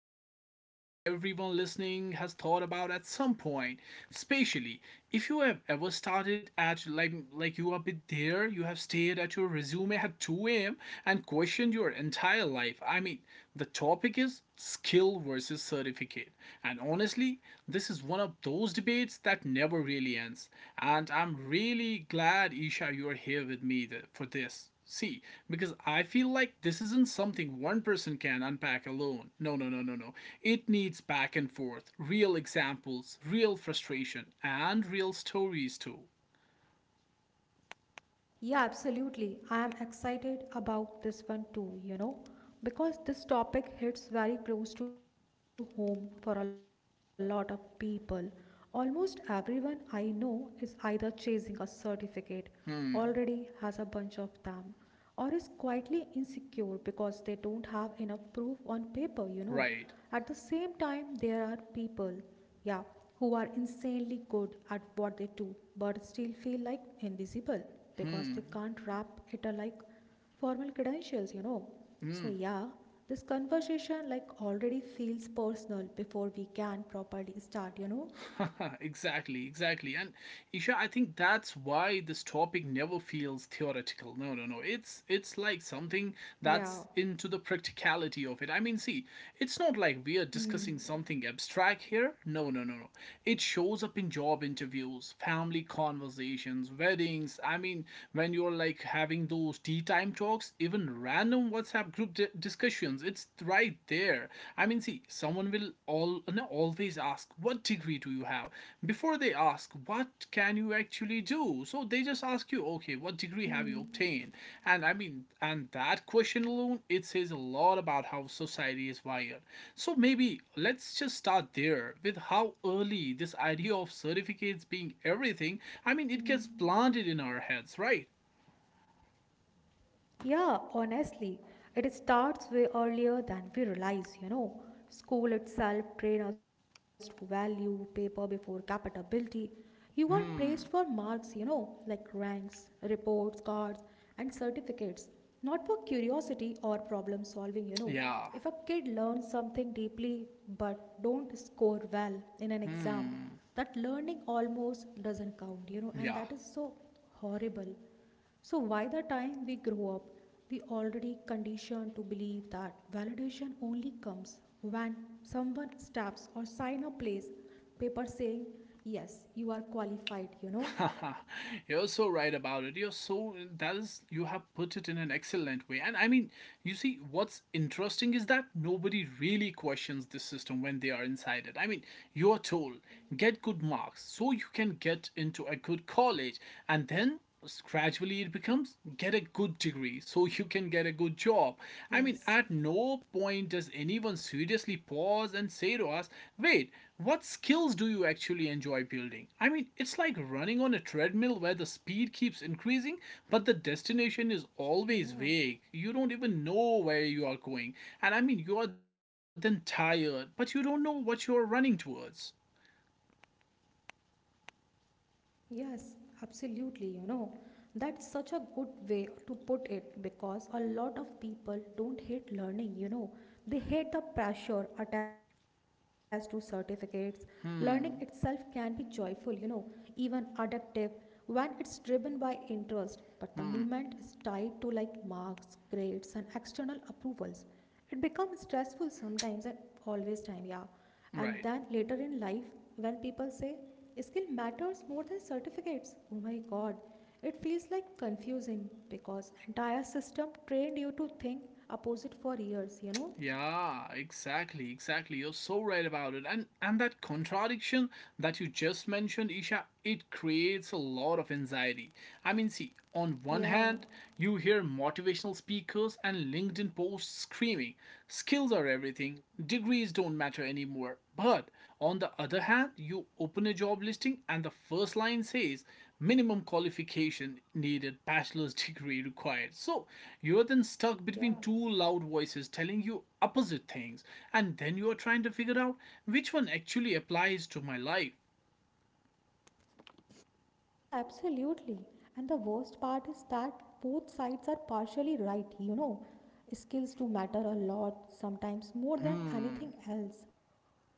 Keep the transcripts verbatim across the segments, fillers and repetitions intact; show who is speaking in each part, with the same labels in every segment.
Speaker 1: that almost everyone listening has thought about at some point, especially if you have ever started at like like you have been there, you have stayed at your resume at two a m and question your entire life. I mean, the topic is skill versus certificate. And honestly, this is one of those debates that never really ends. And I'm really glad, Isha, you're here with me th- for this. See, because I feel like this isn't something one person can unpack alone. No, no, no, no, no. It needs back and forth, real examples, real frustration, and real stories too.
Speaker 2: Yeah, absolutely. I am excited about this one too, you know, because this topic hits very close to home for a lot of people. Almost everyone I know is either chasing a certificate, already has a bunch of them, or is quietly insecure because they don't have enough proof on paper, you know.
Speaker 1: Right.
Speaker 2: At the same time, there are people, yeah, who are insanely good at what they do but still feel like invisible because they can't wrap it a like formal credentials, you know. So, yeah, this conversation like already feels personal before we can properly start, you know.
Speaker 1: Exactly, exactly. And Isha, I think that's why this topic never feels theoretical. No, no, no. It's it's like something
Speaker 2: Yeah.
Speaker 1: that's into the practicality of it. I mean, see, it's not like we are discussing something abstract here. No, no, no, no. It shows up in job interviews, family conversations, weddings. I mean, when you're like having those tea time talks, even random WhatsApp group di- discussions. It's right there. I mean, see, someone will all no, always ask, "What degree do you have?" Before they ask, "What can you actually do?" So they just ask you, "Okay, what degree have you
Speaker 2: Hmm.
Speaker 1: obtained?" And I mean, and that question alone, it says a lot about how society is wired. So maybe let's just start there with how early this idea of certificates being everything. I mean, it gets planted in our heads, right?
Speaker 2: Yeah, honestly, it starts way earlier than we realize, you know. School itself trains us to value paper before capability. You are praised for marks, you know, like ranks, reports, cards, and certificates, not for curiosity or problem solving, you know.
Speaker 1: Yeah,
Speaker 2: If a kid learns something deeply but don't score well in an exam, that learning almost doesn't count, you know, and
Speaker 1: yeah.
Speaker 2: that is so horrible. So, by the time we grow up, we already conditioned to believe that validation only comes when someone stamps or sign a place paper saying, "Yes, you are qualified," you know?
Speaker 1: You're so right about it. You're so that is You have put it in an excellent way. And I mean, you see, what's interesting is that nobody really questions this system when they are inside it. I mean, you're told
Speaker 2: Yes.
Speaker 1: get good marks so you can get into a good college, and then gradually it becomes get a good degree so you can get a good job. I mean,
Speaker 2: Yes.
Speaker 1: at no point does anyone seriously pause and say to us, wait, what skills do you actually enjoy building? I mean, it's like running on a treadmill where the speed keeps increasing, but the destination is always
Speaker 2: Yeah.
Speaker 1: vague. You don't even know where you are going. And I mean, you are then tired, but you don't know what you are running towards.
Speaker 2: Yes, absolutely. You know, that's such a good way to put it because a lot of people don't hate learning, you know, they hate the pressure attached to certificates. Learning itself can be joyful, you know, even addictive when it's driven by interest, but the movement is tied to like marks, grades, and external approvals. It becomes stressful sometimes and always time, yeah. And
Speaker 1: Right.
Speaker 2: then later in life, when people say, skill matters more than certificates. Oh my god, it feels like confusing because entire system trained you to think opposite for years, you know?
Speaker 1: Yeah, exactly, exactly. You're so right about it. And and that contradiction that you just mentioned, Isha, it creates a lot of anxiety. I mean, see, on one
Speaker 2: Yeah.
Speaker 1: hand, you hear motivational speakers and LinkedIn posts screaming, skills are everything, degrees don't matter anymore. But
Speaker 2: Hmm.
Speaker 1: on the other hand, you open a job listing and the first line says minimum qualification needed, bachelor's degree required. So you're then stuck between
Speaker 2: Yeah.
Speaker 1: two loud voices telling you opposite things, and then you are trying to figure out which one actually applies to my life,
Speaker 2: Yeah, absolutely. And the worst part is that both sides are partially right, you know. Skills do matter a lot, sometimes more than anything else.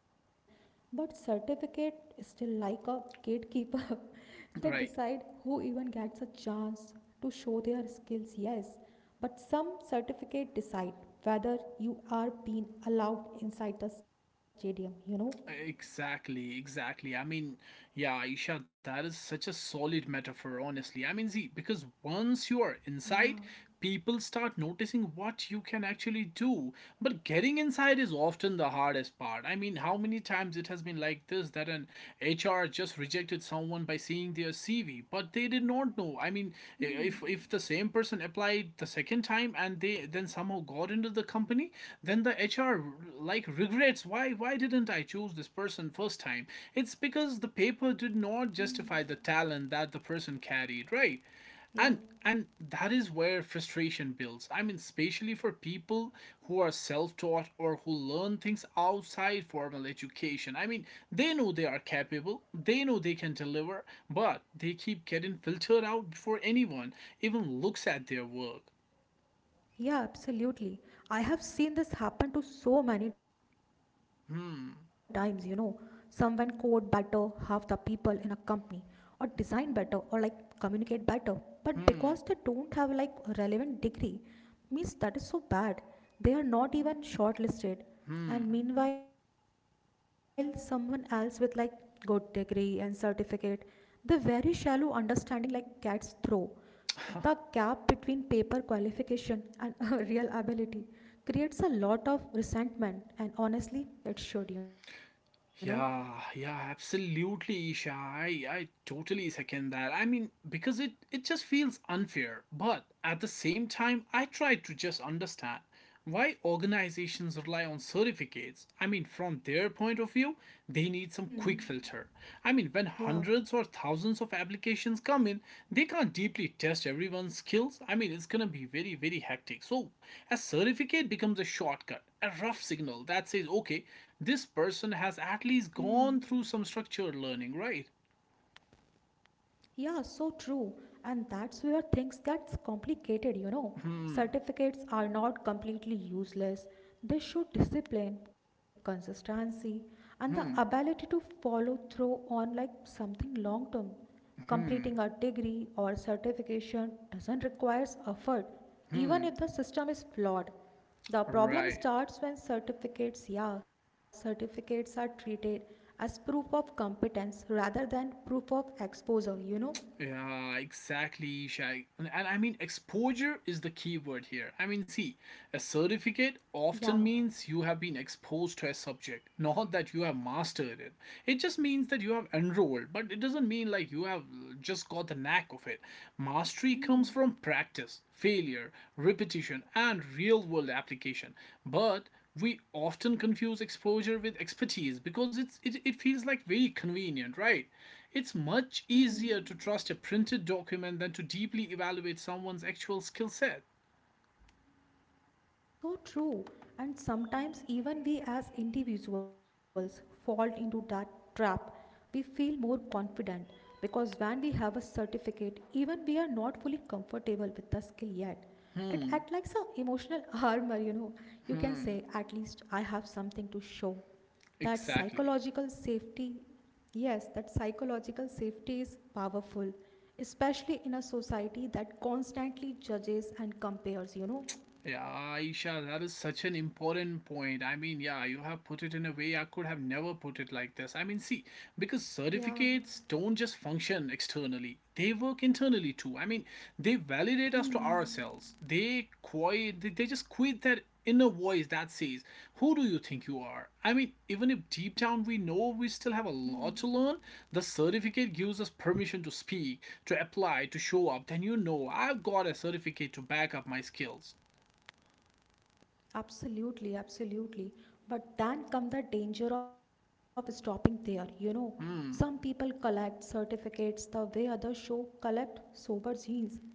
Speaker 2: But certificate is still like a gatekeeper. They decide
Speaker 1: right?
Speaker 2: who even gets a chance to show their skills, yes. But some certificate decide whether you are being allowed inside the stadium, you know.
Speaker 1: Exactly, exactly. I mean, yeah, Aisha, that is such a solid metaphor, honestly. I mean, see, because once you are
Speaker 2: Yeah.
Speaker 1: inside, people start noticing what you can actually do. But getting inside is often the hardest part. I mean, how many times it has been like this that an H R just rejected someone by seeing their C V, but they did not know. I mean, i- if if
Speaker 2: Hmm.
Speaker 1: the same person applied the second time and they then somehow got into the company, then then the hr like regrets, why why didn't I choose this person first time? It's because the paper did not justify the talent
Speaker 2: Hmm.
Speaker 1: that the person carried, right? And and
Speaker 2: Yeah.
Speaker 1: that is where frustration builds. I mean especially for people who are self-taught or who learn things outside formal education. I mean they know they are capable, they know they can deliver, but they keep getting filtered out before anyone even looks at their work.
Speaker 2: Yeah, absolutely. I have seen this happen to so many times, you
Speaker 1: hmm
Speaker 2: know. Someone code better, half the people in a company, or design better, or like communicate better. But
Speaker 1: hmm
Speaker 2: because they don't have like a relevant degree, means that is so bad. They are not even shortlisted.
Speaker 1: hmm
Speaker 2: And meanwhile, someone else with like good degree and certificate, the very shallow understanding like gets through. The gap between paper qualification and uh, real ability creates a lot of resentment, and honestly, it should, you know.
Speaker 1: Yeah, yeah, absolutely, Isha. I, I totally second that. I mean, because it, it just feels unfair. But at the same time, I try to just understand why organizations rely on certificates. I mean from their point of view, they need some quick filter.
Speaker 2: Hmm.
Speaker 1: I mean when hundreds or
Speaker 2: Yeah.
Speaker 1: thousands of applications come in, they can't deeply test everyone's skills. I mean it's gonna be very very hectic. So a certificate becomes a shortcut, a rough signal that says okay, this person has at
Speaker 2: Hmm.
Speaker 1: least gone through some structured learning, right?
Speaker 2: Yeah, so true. And that's where things gets complicated, you know.
Speaker 1: hmm
Speaker 2: Certificates are not completely useless. They show discipline, consistency, and the
Speaker 1: hmm
Speaker 2: ability to follow through on like something long term.
Speaker 1: hmm
Speaker 2: Completing a degree or certification doesn't require effort,
Speaker 1: hmm
Speaker 2: even if the system is flawed. The
Speaker 1: right.
Speaker 2: problem starts when certificates, yeah, certificates are treated as proof of competence rather than proof of exposure, you know?
Speaker 1: Yeah, exactly, Shag. And, and I mean, exposure is the key word here. I mean, see, a certificate
Speaker 2: Yeah.
Speaker 1: often means you have been exposed to a subject, not that you have mastered it.
Speaker 2: Hmm.
Speaker 1: It just means that you have enrolled, but it doesn't mean like you have just got the knack of it. Mastery comes
Speaker 2: Hmm.
Speaker 1: from practice, failure, repetition, and real world application. But we often confuse exposure with expertise because it's it, it feels like very convenient, right? It's much
Speaker 2: Hmm.
Speaker 1: easier to trust a printed document than to deeply evaluate someone's actual skill set.
Speaker 2: So true. And sometimes, even we as individuals fall into that trap. We feel more confident because when we have a certificate, even we are not fully comfortable with the skill yet. It acts
Speaker 1: hmm
Speaker 2: like some emotional armor, you know. You can
Speaker 1: hmm
Speaker 2: say, at least I have something to show. That
Speaker 1: exactly.
Speaker 2: psychological safety, yes, that psychological safety is powerful, especially in a society that constantly judges and compares, you know.
Speaker 1: Yeah, Aisha, that is such an important point. I mean, yeah, you have put it in a way I could have never put it like this. I mean, see, because
Speaker 2: Yeah.
Speaker 1: certificates don't just function externally, they work internally too. I mean, they validate us to
Speaker 2: Hmm.
Speaker 1: ourselves. They quiet, they, they just quit that inner voice that says, who do you think you are? I mean, even if deep down we know we still have a lot to learn, the certificate gives us permission to speak, to apply, to show up. Then you know I've got a certificate to back up my skills.
Speaker 2: Absolutely, absolutely. But then come the danger of stopping there. You know, some people
Speaker 1: Hmm,
Speaker 2: collect certificates the way others show collect sober genes.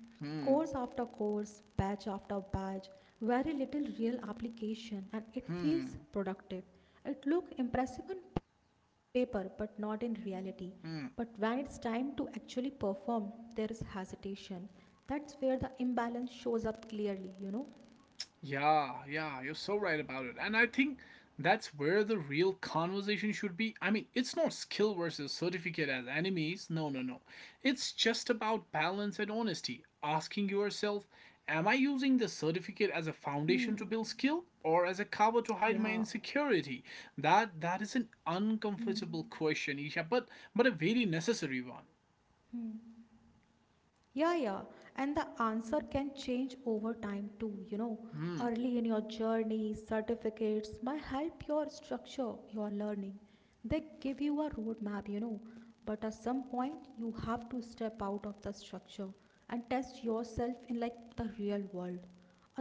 Speaker 2: Course
Speaker 1: hmm,
Speaker 2: after course, batch after batch, very little real application, and it
Speaker 1: hmm,
Speaker 2: feels productive. It look impressive on paper, but not in reality. But when it's
Speaker 1: hmm.
Speaker 2: time to actually perform, there is hesitation. That's where the imbalance shows up clearly, you know.
Speaker 1: Yeah, yeah, you're so right about it. And I think that's where the real conversation should be. I mean, it's not skill versus certificate as enemies. No, no, no. It's just about balance and honesty. Asking yourself, am I using the certificate as a
Speaker 2: Hmm.
Speaker 1: foundation to build skill or as a cover to hide my
Speaker 2: Yeah.
Speaker 1: insecurity? That that is an uncomfortable
Speaker 2: Hmm.
Speaker 1: question, Isha, but but a very necessary one.
Speaker 2: Yeah, yeah. And the answer can change over time too, you know.
Speaker 1: Hmm,
Speaker 2: Early in your journey, certificates might help your structure your learning. They give you a roadmap, you know. But at some point, you have to step out of the structure and test yourself in like the real world.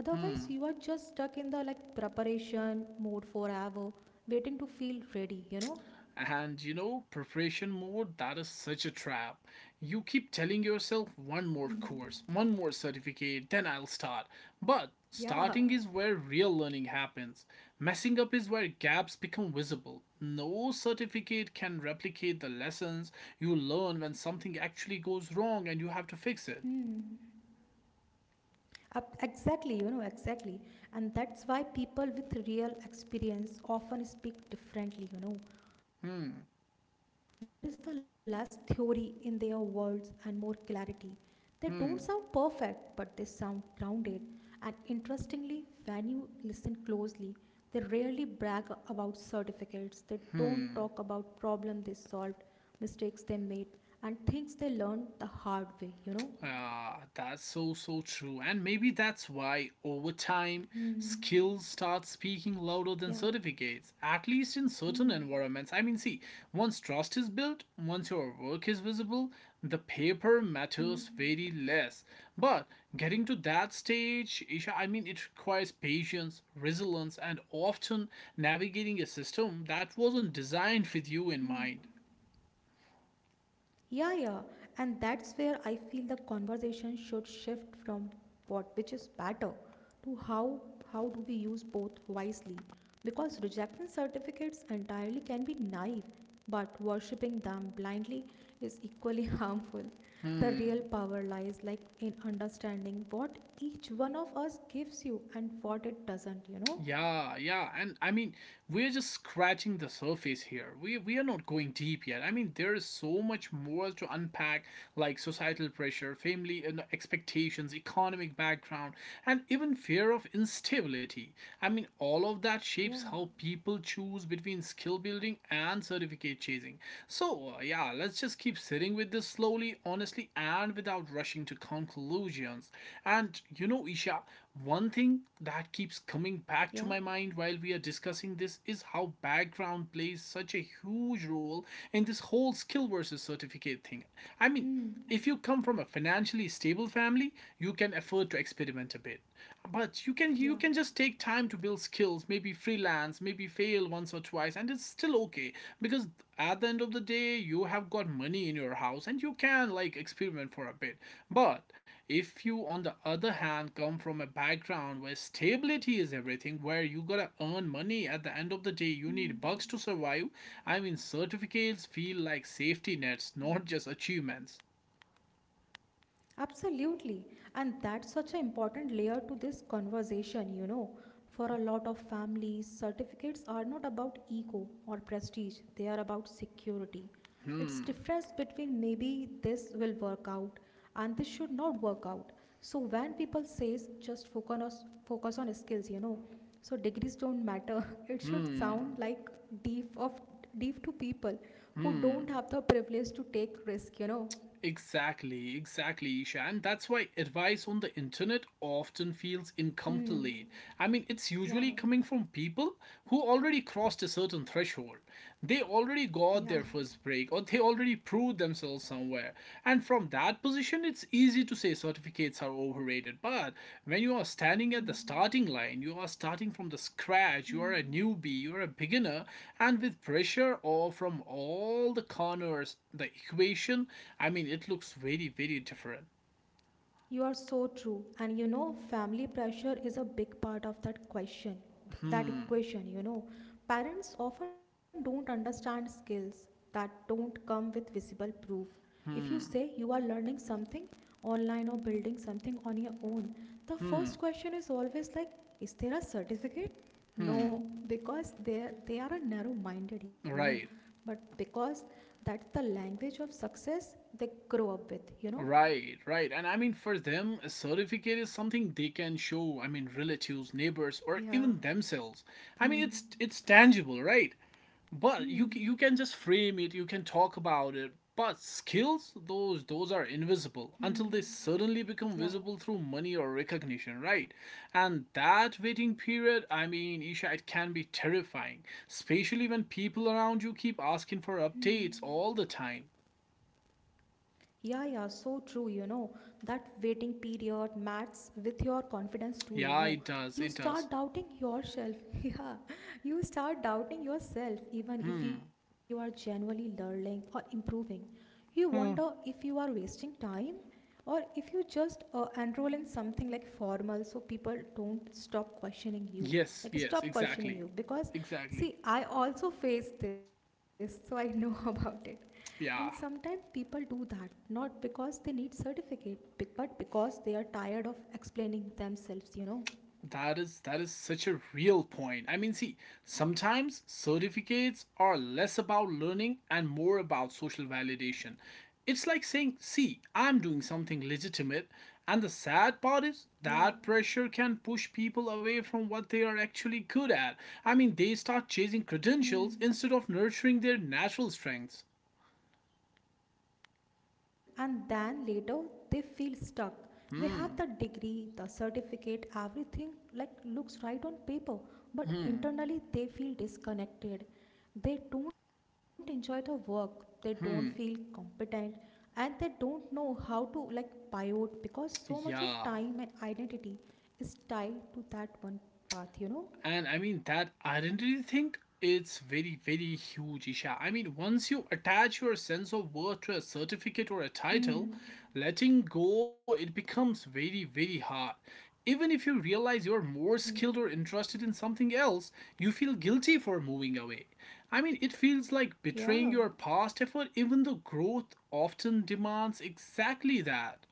Speaker 1: hmm,
Speaker 2: you are just stuck in the like preparation mode forever, waiting to feel ready, you know.
Speaker 1: And you know, preparation mode, that is such a trap. You keep telling yourself one more
Speaker 2: Hmm.
Speaker 1: course, one more certificate, then I'll start. But
Speaker 2: Yeah.
Speaker 1: starting is where real learning happens. Messing up is where gaps become visible. No certificate can replicate the lessons you learn when something actually goes wrong and you have to fix it.
Speaker 2: Hmm. Ab- Exactly, you know, exactly. And that's why people with real experience often speak differently, you know. There is
Speaker 1: Hmm,
Speaker 2: the less theory in their words and more clarity. They don't sound perfect, but they
Speaker 1: hmm,
Speaker 2: sound grounded. And interestingly, when you listen closely, they rarely brag about certificates. They don't talk about
Speaker 1: hmm.
Speaker 2: problems they solved, mistakes they made, and things they learned the hard way, you know.
Speaker 1: Ah, that's so so true. And maybe that's why over time
Speaker 2: Hmm.
Speaker 1: skills start speaking louder than
Speaker 2: Yeah.
Speaker 1: certificates, at least in certain
Speaker 2: Hmm.
Speaker 1: environments. I mean, see, once trust is built, once your work is visible, the paper matters very
Speaker 2: Hmm.
Speaker 1: less. But getting to that stage, Isha, I mean, it requires patience, resilience, and often navigating a system that wasn't designed with you in mind.
Speaker 2: Yeah, yeah. And that's where I feel the conversation should shift from what which is better to how how do we use both wisely? Because rejecting certificates entirely can be naive, but worshipping them blindly is equally harmful. The
Speaker 1: Hmm.
Speaker 2: real power lies like in understanding what each one of us gives you and what it doesn't, you know?
Speaker 1: Yeah, yeah, and I mean, we're just scratching the surface here. We we are not going deep yet. I mean, there is
Speaker 2: Hmm.
Speaker 1: so much more to unpack, like societal pressure, family you know, expectations, economic background, and even fear of instability. I mean, all of that shapes
Speaker 2: Yeah.
Speaker 1: how people choose between skill building and certificate chasing. So, uh, yeah, let's just keep sitting with this slowly, honestly, and without rushing to conclusions. And you know, Isha, one thing that keeps
Speaker 2: Hmm.
Speaker 1: coming back to my
Speaker 2: Yeah.
Speaker 1: mind while we are discussing this is how background plays such a huge role in this whole skill versus certificate thing. I mean,
Speaker 2: Hmm.
Speaker 1: if you come from a financially stable family, you can afford to experiment a bit. But you can you
Speaker 2: Yeah.
Speaker 1: can just take time to build skills, maybe freelance, maybe fail once or twice and it's still okay because at the end of the day you have got money in your house and you can like experiment for a bit. But if you, on the other hand, come from a background where stability is everything, where you gotta earn money at the end of the day, you need bucks
Speaker 2: Hmm.
Speaker 1: to survive. I mean, certificates feel like safety nets, not just achievements.
Speaker 2: Absolutely. And that's such an important layer to this conversation, you know. For a lot of families, certificates are not about ego or prestige, they are about security. It's
Speaker 1: Hmm,
Speaker 2: difference between maybe this will work out and this should not work out. So when people says just focus on focus on skills, you know, so degrees don't matter. It should sound
Speaker 1: hmm,
Speaker 2: like deep of deep to people who don't
Speaker 1: hmm.
Speaker 2: have the privilege to take risk, you know.
Speaker 1: Exactly, exactly, Isha. And that's why advice on the internet often feels incomplete. I
Speaker 2: Hmm.
Speaker 1: mean, it's usually
Speaker 2: Yeah,
Speaker 1: coming from people who already crossed a certain threshold. They already got
Speaker 2: yeah.
Speaker 1: their first break or they already proved themselves somewhere. And from that position, it's easy to say certificates are overrated. But when you are standing at the starting line, you are starting from the scratch, you are a newbie, you are a beginner, and with pressure or from all the corners, the equation, I mean, it looks very, very different.
Speaker 2: You are so true. And you know, family pressure is a big part of that question,
Speaker 1: Hmm,
Speaker 2: that equation, you know. Parents often don't understand skills that don't come with visible proof. If you
Speaker 1: hmm,
Speaker 2: say you are learning something online or building something on your own, the first
Speaker 1: hmm,
Speaker 2: question is always like, is there a certificate?
Speaker 1: hmm.
Speaker 2: No, because they they are narrow minded, you know.
Speaker 1: Right.
Speaker 2: But because that's the language of success they grow up with, you know.
Speaker 1: Right, right. And I mean, for them, a certificate is something they can show, I mean, relatives, neighbors, or
Speaker 2: Yeah.
Speaker 1: even themselves. I mean,
Speaker 2: Hmm.
Speaker 1: it's it's tangible, right? But you
Speaker 2: Hmm.
Speaker 1: ca- you can just frame it, you can talk about it. But skills, those those are invisible
Speaker 2: Hmm.
Speaker 1: until they suddenly become
Speaker 2: Yeah.
Speaker 1: visible through money or recognition, right? And that waiting period, I mean, Isha, it can be terrifying, especially when people around you keep asking for updates
Speaker 2: Hmm.
Speaker 1: all the time.
Speaker 2: Yeah, yeah, so true, you know. That waiting period mats with your confidence too, you
Speaker 1: Yeah,
Speaker 2: know.
Speaker 1: it does.
Speaker 2: You
Speaker 1: It does.
Speaker 2: start doubting yourself. Yeah, you start doubting yourself even if
Speaker 1: Hmm.
Speaker 2: you are genuinely learning or improving. You wonder if
Speaker 1: Hmm.
Speaker 2: you are wasting time or if you just uh, enroll in something like formal so people don't stop questioning you.
Speaker 1: Yes,
Speaker 2: Like,
Speaker 1: yes,
Speaker 2: stop questioning
Speaker 1: exactly.
Speaker 2: you because,
Speaker 1: Exactly.
Speaker 2: see, I also face this, so I know about it. And sometimes
Speaker 1: Yeah.
Speaker 2: people do that not because they need certificate be- but because they are tired of explaining themselves, you know.
Speaker 1: That is that is such a real point. I mean, see, sometimes certificates are less about learning and more about
Speaker 2: Hmm.
Speaker 1: social validation. It's like saying, "See, I'm doing something legitimate." And the sad part is
Speaker 2: Yeah.
Speaker 1: that pressure can push people away from what they are actually good at. I mean, they start chasing
Speaker 2: Hmm.
Speaker 1: credentials instead of nurturing their natural strengths.
Speaker 2: So true. And then later they feel stuck. They
Speaker 1: Hmm.
Speaker 2: have the degree, the certificate, everything like looks right on paper, but
Speaker 1: Hmm.
Speaker 2: internally they feel disconnected. They don't enjoy the work, they don't feel
Speaker 1: Hmm.
Speaker 2: competent, and they don't know how to like pivot because so much of
Speaker 1: Yeah,
Speaker 2: time and identity is tied to that one path, you know?
Speaker 1: and I mean, that identity thing, it's very, very huge, Isha. I mean, once you attach your sense of worth to a certificate or a title,
Speaker 2: Hmm.
Speaker 1: letting go, it becomes very, very hard. Even if you realize you're more
Speaker 2: Hmm.
Speaker 1: skilled or interested in something else, you feel guilty for moving away. I mean, it feels like
Speaker 2: Yeah.
Speaker 1: betraying your past effort, even though growth often demands exactly that.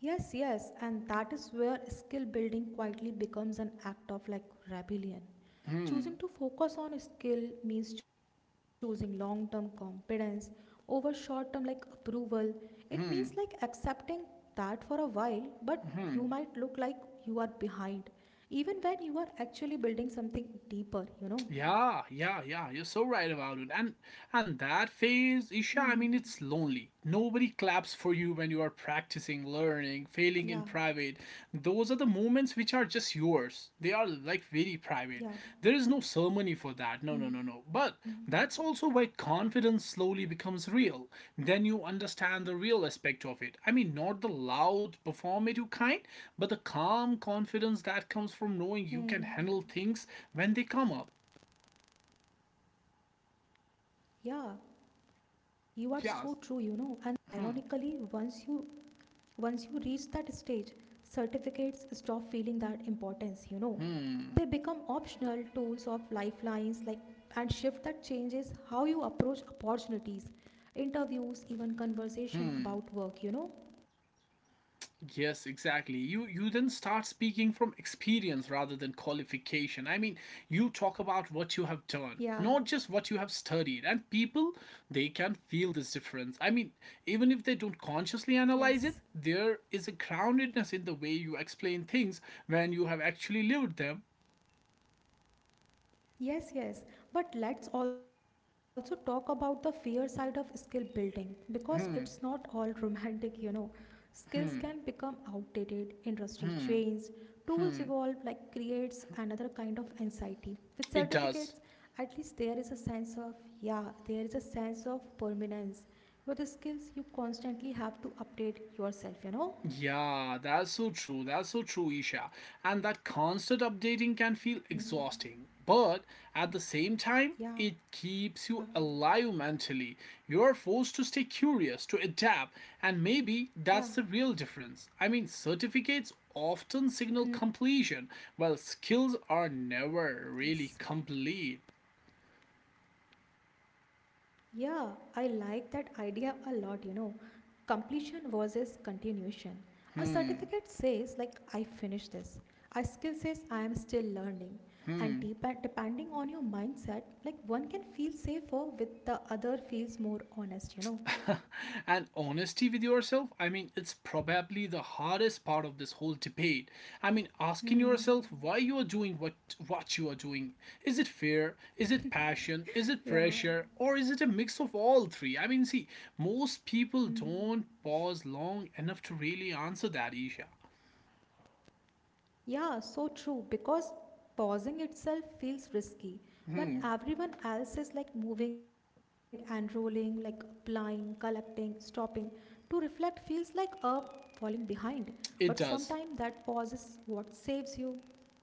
Speaker 2: Yes, yes, and that is where skill building quietly becomes an act of like rebellion.
Speaker 1: Hmm,
Speaker 2: Choosing to focus on skill means choosing long term competence over short term like approval. It means like
Speaker 1: hmm,
Speaker 2: accepting that for a while, but you might
Speaker 1: hmm.
Speaker 2: look like you are behind, even when you are actually building something deeper, you know.
Speaker 1: Yeah, yeah, yeah. You're so right about it. And and that phase, Isha, I mean
Speaker 2: Hmm.
Speaker 1: it's lonely. Nobody claps for you when you are practicing, learning, failing in
Speaker 2: Yeah.
Speaker 1: private. Those are the moments which are just yours. They are like very private.
Speaker 2: Yeah.
Speaker 1: There is no ceremony for that. No, no, no, no.
Speaker 2: Hmm.
Speaker 1: But that's also where confidence slowly becomes real. Then you understand the real aspect of it. I mean not the loud performative kind, but the calm confidence that comes from knowing you can
Speaker 2: Hmm.
Speaker 1: handle things when they come up.
Speaker 2: Yeah. You are so true, you know.
Speaker 1: Yeah.
Speaker 2: And ironically,
Speaker 1: Hmm,
Speaker 2: once you Once you reach that stage, certificates stop feeling that importance, you know. They become optional tools of lifelines like and shift that changes how you approach opportunities,
Speaker 1: hmm.
Speaker 2: interviews, even conversation about work, you know.
Speaker 1: Yes, exactly. You you then start speaking from experience rather than qualification. I mean, you talk about what you have done,
Speaker 2: Yeah,
Speaker 1: not just what you have studied. And people, they can feel this difference. I mean, even if they don't consciously analyze it,
Speaker 2: yes.
Speaker 1: there is a groundedness in the way you explain things when you have actually lived them.
Speaker 2: Yes, yes. But let's also talk about the fear side of skill building because it's not all romantic, you know. Skills can become outdated, industry changes, tools evolve,
Speaker 1: Hmm,
Speaker 2: like creates another kind of anxiety. With
Speaker 1: it
Speaker 2: certificates,
Speaker 1: does.
Speaker 2: at least there is a sense of, yeah, there is a sense of permanence. With the skills, you constantly have to update yourself, you know?
Speaker 1: Yeah, that's so true. That's so true, Isha. And that constant updating can feel exhausting.
Speaker 2: Hmm.
Speaker 1: But at the same time, it
Speaker 2: Yeah,
Speaker 1: keeps you alive mentally. You are forced to stay curious, to adapt, and maybe that's the real
Speaker 2: yeah,
Speaker 1: difference. I mean, certificates often signal completion, while skills are never really complete.
Speaker 2: yes. Yeah, I like that idea a lot, you know. Completion versus continuation. A
Speaker 1: Hmm,
Speaker 2: certificate says, like, I finished this. A skill says, I am still learning. And
Speaker 1: hmm.
Speaker 2: dep- depending on your mindset, like, one can feel safer with the other feels more honest, you know.
Speaker 1: And honesty with yourself, I mean it's probably the hardest part of this whole debate. I mean asking
Speaker 2: Hmm.
Speaker 1: yourself why you are doing what what you are doing. Is it fear, is it passion, is it
Speaker 2: Yeah.
Speaker 1: pressure, or is it a mix of all three? I mean, see, most people don't pause long enough to really answer that, Isha.
Speaker 2: Yeah, so true. Because pausing itself feels risky when
Speaker 1: Hmm,
Speaker 2: everyone else is like moving and rolling, like applying, collecting, stopping. To reflect feels like a falling behind. But
Speaker 1: it
Speaker 2: sometimes
Speaker 1: does.
Speaker 2: that pause is what saves you,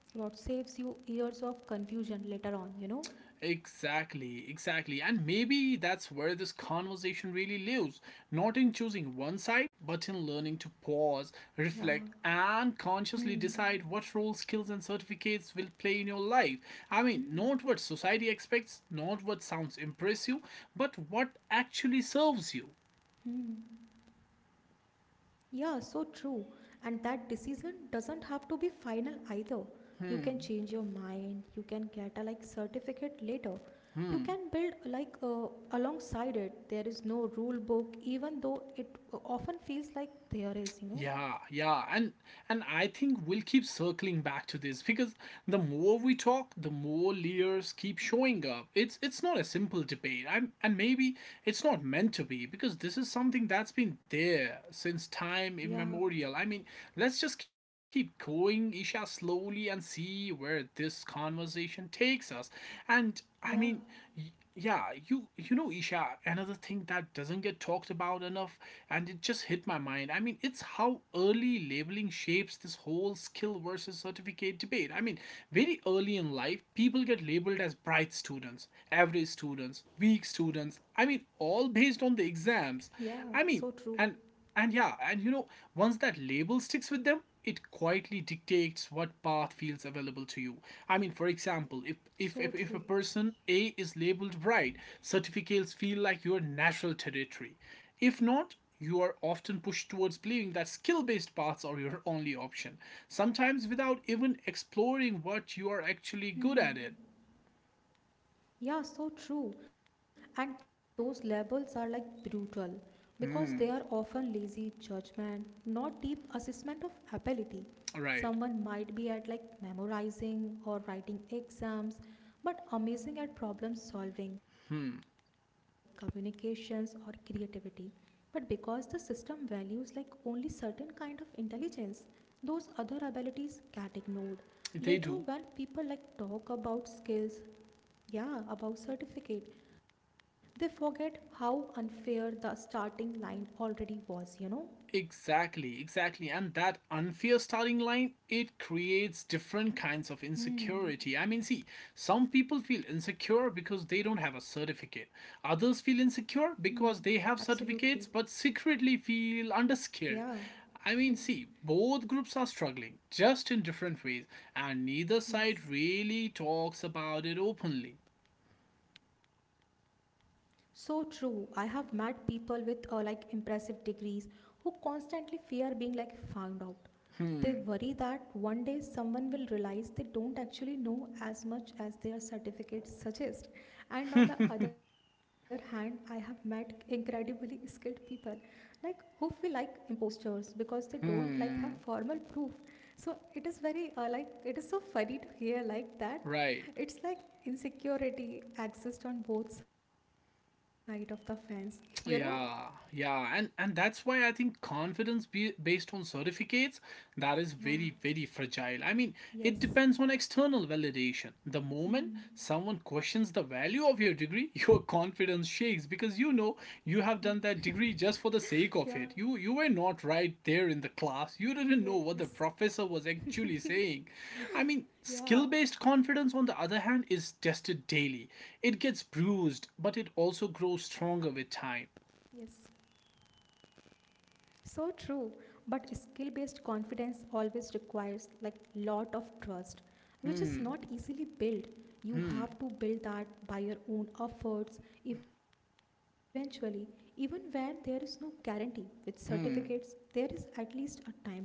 Speaker 2: what saves you years of confusion later on, you know?
Speaker 1: Exactly, exactly. And maybe that's where this conversation really lives. Not in choosing one side, but in learning to pause, reflect,
Speaker 2: Yeah.
Speaker 1: and consciously
Speaker 2: Hmm.
Speaker 1: decide what role skills and certificates will play in your life. I mean, not
Speaker 2: Hmm.
Speaker 1: what society expects, not what sounds impressive, but what actually serves you.
Speaker 2: Hmm. Yeah, so true. And that decision doesn't have to be final either. You can
Speaker 1: Hmm,
Speaker 2: change your mind, you can get a like certificate later. You
Speaker 1: hmm.
Speaker 2: can build like uh, alongside it. There is no rule book even though it often feels like there is, you know.
Speaker 1: Yeah, yeah, and and I think we'll keep circling back to this because the more we talk, the more layers keep showing up. It's it's not a simple debate. I'm, and maybe it's not meant to
Speaker 2: Hmm.
Speaker 1: be because this is something that's been there since time immemorial. I mean,
Speaker 2: Yeah.
Speaker 1: let's just keep going, Isha, slowly and see where this conversation takes us. And I mean, y- yeah,
Speaker 2: Yeah.
Speaker 1: you you know, Isha, another thing that doesn't get talked about enough, and it just hit my mind, I mean it's how early labeling shapes this whole skill versus certificate debate. I mean very early in life people get labeled as bright students, average students, weak students. I mean all based on the exams.
Speaker 2: Yeah,
Speaker 1: I mean,
Speaker 2: so true.
Speaker 1: and and yeah, and you know, once that label sticks with them, it quietly dictates what path feels available to you. I mean, for example, if if if, if a
Speaker 2: So
Speaker 1: person
Speaker 2: true.
Speaker 1: A is labeled bright, certificates feel like your natural territory. If not, you are often pushed towards believing that skill-based paths are your only option, sometimes without even exploring what you are actually good at it.
Speaker 2: Hmm. Yeah, so true. And those labels are like brutal because they
Speaker 1: Hmm,
Speaker 2: are often lazy judgment, not deep assessment of ability.
Speaker 1: right.
Speaker 2: Someone might be at like memorizing or writing exams, but amazing at problem solving,
Speaker 1: Hmm.
Speaker 2: communications, or creativity. But because the system values like only certain kind of intelligence, those other abilities get ignored. Later,
Speaker 1: They
Speaker 2: when
Speaker 1: do.
Speaker 2: people like talk about skills, yeah, about certificate. They forget how unfair the starting line already was, you know?
Speaker 1: Exactly, exactly. And that unfair starting line, it creates different kinds of insecurity. I mean, see,
Speaker 2: Hmm.
Speaker 1: some people feel insecure because they don't have a certificate. Others feel insecure
Speaker 2: Hmm.
Speaker 1: because they have
Speaker 2: Absolutely.
Speaker 1: certificates but secretly feel underskilled.
Speaker 2: Yeah.
Speaker 1: I mean, see, both groups are struggling, just in different ways, and neither side
Speaker 2: Yes.
Speaker 1: really talks about it openly.
Speaker 2: So true. I have met people with uh, like impressive degrees who constantly fear being like found out.
Speaker 1: Hmm.
Speaker 2: They worry that one day someone will realize they don't actually know as much as their certificate suggests. And on the other hand, I have met incredibly skilled people like who feel like imposters because they don't like
Speaker 1: Hmm.
Speaker 2: have formal proof. So it is very uh, like it is so funny to hear like
Speaker 1: Right.
Speaker 2: that it's like insecurity exists on both sides of the fence, you know?
Speaker 1: Yeah, yeah, and and that's why I think confidence, be, based on certificates, that is very, very fragile. I mean,
Speaker 2: Yeah,
Speaker 1: it depends on external validation.
Speaker 2: yes.
Speaker 1: The moment someone questions the
Speaker 2: Hmm.
Speaker 1: value of your degree, your confidence shakes because you know you have done that degree just for the sake of
Speaker 2: Yeah,
Speaker 1: it. You you were not right there in the class. You didn't know what the professor was actually
Speaker 2: yes.
Speaker 1: saying. I mean, skill based confidence on the other
Speaker 2: Yeah,
Speaker 1: hand is tested daily. It gets bruised, but it also grows stronger with time.
Speaker 2: yes. So true, but skill-based confidence always requires like lot of trust, which is
Speaker 1: Hmm.
Speaker 2: not easily built. You
Speaker 1: Hmm.
Speaker 2: have to build that by your own efforts eventually, even when there is no guarantee. With certificates, there
Speaker 1: Hmm.
Speaker 2: is at least a timeline, you know.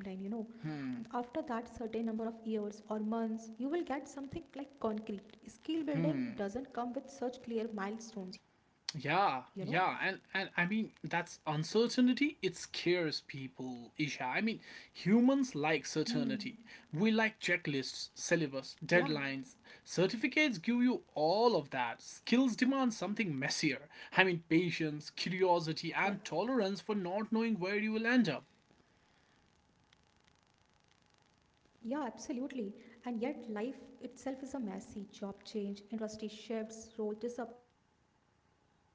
Speaker 1: Hmm.
Speaker 2: After that certain number of years or months, you will get something like concrete. Skill
Speaker 1: Hmm.
Speaker 2: building doesn't come with such clear milestones, you know.
Speaker 1: Yeah. Yeah. And and I mean that's uncertainty. It scares people, Isha. I mean, humans like
Speaker 2: Hmm.
Speaker 1: certainty. We like checklists,
Speaker 2: Yeah.
Speaker 1: syllabus, deadlines. Certificates give you all of that. Skills demand something messier. I mean,
Speaker 2: Yeah.
Speaker 1: patience, curiosity, and tolerance for not knowing where you will end up.
Speaker 2: Yeah, absolutely. And yet, life itself is a messy job change, industry shifts, role disappear,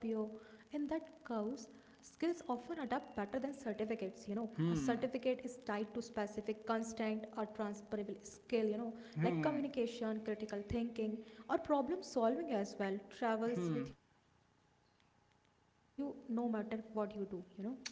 Speaker 2: and that chaos. Skills often adapt better than certificates, you know. A
Speaker 1: Hmm.
Speaker 2: certificate is tied to specific constant or transferable skill, you know,
Speaker 1: Hmm.
Speaker 2: like communication, critical thinking, or problem solving as well,
Speaker 1: Hmm.
Speaker 2: travels with you no matter what you do, you know.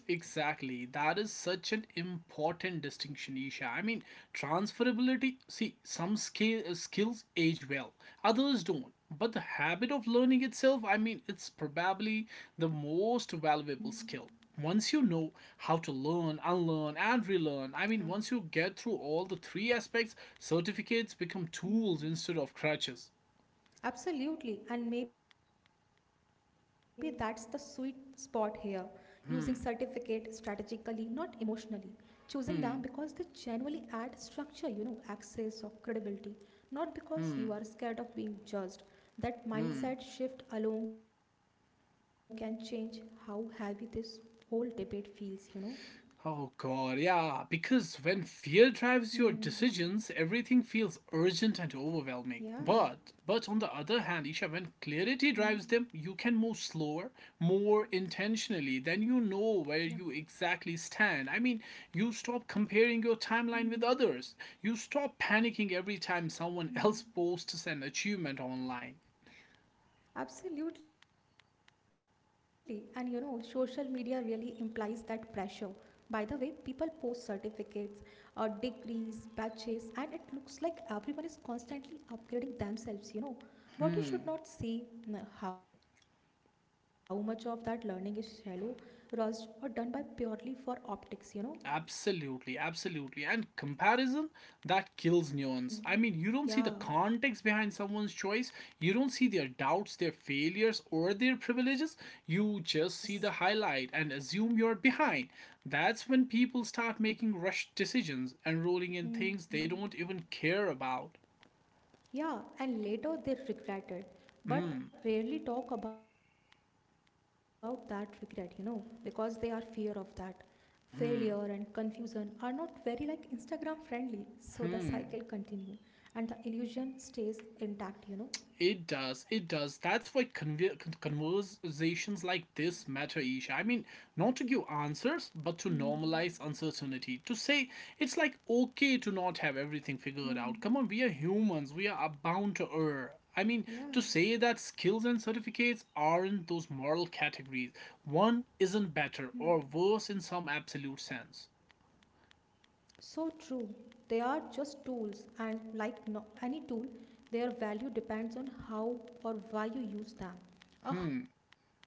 Speaker 1: Exactly. That is such an important distinction, Isha. I mean, transferability, see, some scale, skills age well, others don't. But the habit of learning itself, I mean, it's probably the most valuable skill. Once you know
Speaker 2: Hmm.
Speaker 1: how to learn, unlearn, and relearn, I mean, once you get through all the three
Speaker 2: Yeah.
Speaker 1: aspects, certificates become tools instead of crutches.
Speaker 2: Absolutely, and maybe that's the sweet spot here. Using
Speaker 1: Hmm,
Speaker 2: certificate strategically, not emotionally.
Speaker 1: hmm,
Speaker 2: Choosing them because they genuinely add structure, you know, access or credibility,
Speaker 1: hmm,
Speaker 2: not because you are scared of being judged.
Speaker 1: hmm.
Speaker 2: That mindset shift alone can change how heavy this whole debate feels, you know.
Speaker 1: Oh god, yeah, because when fear drives your decisions, everything feels
Speaker 2: Hmm.
Speaker 1: urgent and overwhelming. But but on the other
Speaker 2: Yeah.
Speaker 1: hand, Isha, when clarity drives them, you can move
Speaker 2: Hmm.
Speaker 1: slower, more intentionally, then you know
Speaker 2: Yeah.
Speaker 1: where you exactly stand. I mean, you stop comparing your timeline with
Speaker 2: Hmm.
Speaker 1: others. You stop panicking every time someone else posts an
Speaker 2: Hmm.
Speaker 1: achievement online.
Speaker 2: Absolutely. And you know, social media really implies that pressure. By the way, people post certificates, uh, degrees, badges, and it looks like everyone is constantly upgrading themselves, you know.
Speaker 1: Hmm.
Speaker 2: What you should not see n- how much of that learning is shallow, rushed, or done by purely for optics, you know.
Speaker 1: Absolutely, absolutely. And comparison, that kills nuance. I mean, you don't see the
Speaker 2: Hmm.
Speaker 1: context behind someone's
Speaker 2: Yeah.
Speaker 1: choice, you don't see their doubts, their failures, or their privileges. You just see the highlight and assume you're
Speaker 2: Yes.
Speaker 1: behind. That's when people start making rushed decisions and rolling in things they don't even care
Speaker 2: Hmm.
Speaker 1: about.
Speaker 2: Yeah, and later
Speaker 1: Hmm,
Speaker 2: they regret it, but rarely talk about that regret, you know, because they are fear of that. Failure
Speaker 1: hmm,
Speaker 2: and confusion are not very like Instagram friendly, so the
Speaker 1: hmm.
Speaker 2: cycle continue and the illusion stays intact, you know.
Speaker 1: It does. It does. That's why conve- conversations like this matter, Isha. I mean,
Speaker 2: Hmm.
Speaker 1: not to give answers, but to normalize uncertainty.
Speaker 2: Hmm.
Speaker 1: To say it's like okay to not have everything figured out. Come on, we are humans. We are
Speaker 2: Hmm.
Speaker 1: bound to err. I mean, to say that skills and
Speaker 2: Yeah.
Speaker 1: certificates aren't those moral categories. One isn't
Speaker 2: Hmm.
Speaker 1: better or worse in some absolute sense.
Speaker 2: So true. They are just tools, and like no, any tool, their value depends on how or why you use
Speaker 1: Hmm,
Speaker 2: them.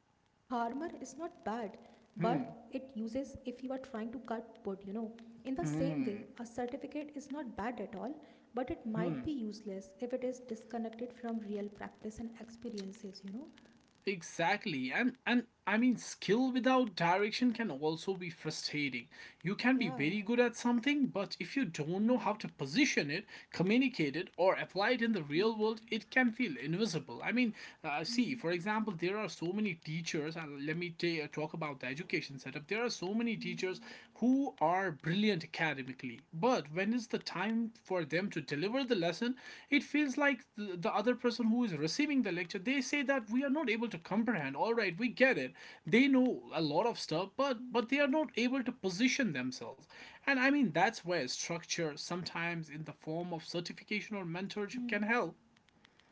Speaker 2: A hammer is not bad, but
Speaker 1: hmm,
Speaker 2: it uses if you are trying to cut wood, you know. In the
Speaker 1: hmm,
Speaker 2: same way, a certificate is not bad at all,
Speaker 1: hmm.
Speaker 2: but it might be useless if it is disconnected from real practice and experiences, you know.
Speaker 1: Exactly. And and I mean skill without direction can also be
Speaker 2: Hmm.
Speaker 1: frustrating. You can be very good at something,
Speaker 2: Yeah.
Speaker 1: but if you don't know how to position it,
Speaker 2: Hmm.
Speaker 1: communicate it or apply it in the real world, it can feel invisible.
Speaker 2: Hmm.
Speaker 1: I mean, uh, see, for example, there are so many
Speaker 2: Hmm.
Speaker 1: teachers, and let me ta- uh, talk about the education setup. There are so many teachers who are brilliant academically, but when is the time for them to deliver the lesson, it feels like the, the other person who is receiving the lecture, they say that we are not able to comprehend. All right, we get it. They know a lot of stuff, but but they are not able to position themselves. And I mean that's where structure, sometimes in the form of certification or mentorship, can help.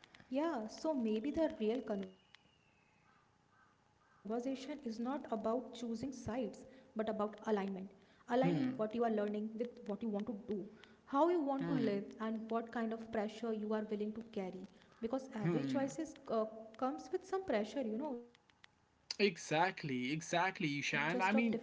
Speaker 2: Hmm. Yeah, so maybe the real conversation is not about choosing sides, but about alignment. Aligning
Speaker 1: Hmm.
Speaker 2: what you are learning with what you want to do,
Speaker 1: Hmm.
Speaker 2: how you want to live, and what kind of pressure you are willing to carry.
Speaker 1: Hmm.
Speaker 2: Because every choice is, uh, comes with some pressure, you know, just of
Speaker 1: Exactly,
Speaker 2: different kinds.
Speaker 1: exactly, Ishan. I mean,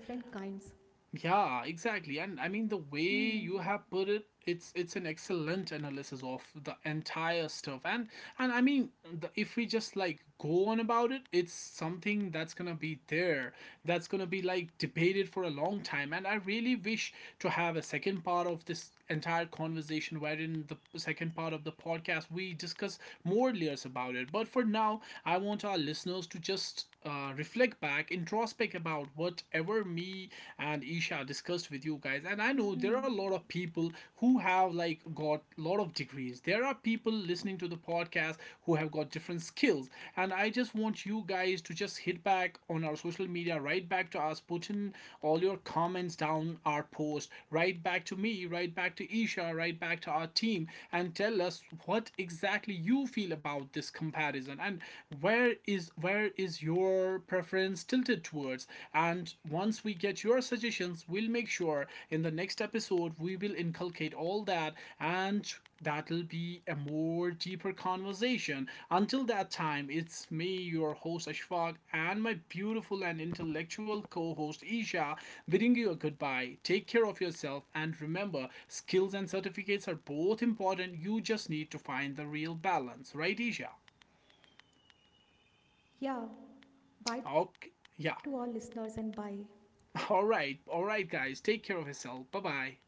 Speaker 1: yeah,
Speaker 2: Hmm.
Speaker 1: exactly. And I mean the way you have put it, it's it's an excellent analysis of the entire stuff. And and I mean the, if we just like go on about it, it's something that's going to be there. That's going to be like debated for a long time. And I really wish to have a second part of this entire conversation, wherein the second part of the podcast we discuss more layers about it. But for now, I want our listeners to just uh, reflect back, introspect aspect about whatever me and Isha discussed with you guys. And I know there are a lot of people who
Speaker 2: Hmm.
Speaker 1: have like got a lot of degrees. There are people listening to the podcast who have got different skills. And I just want you guys to just hit back on our social media, right back to us, put in all your comments down our post, right back to me, right back to Isha, right back to our team, and tell us what exactly you feel about this comparison and where is where is your preference tilted towards, and once we get your suggestions we'll make sure in the next episode we will inculcate all that, and that'll be a more deeper conversation. Until that time, it's me, your host Ashfaq, and my beautiful and intellectual co-host Isha, bidding you a goodbye. Take care of yourself and remember, skills and certificates are both important, you just need to find the real balance, right, Isha?
Speaker 2: Yeah. Bye to all
Speaker 1: Okay. Yeah.
Speaker 2: listeners and bye.
Speaker 1: All right, all right, guys. Take care of yourself. Bye bye.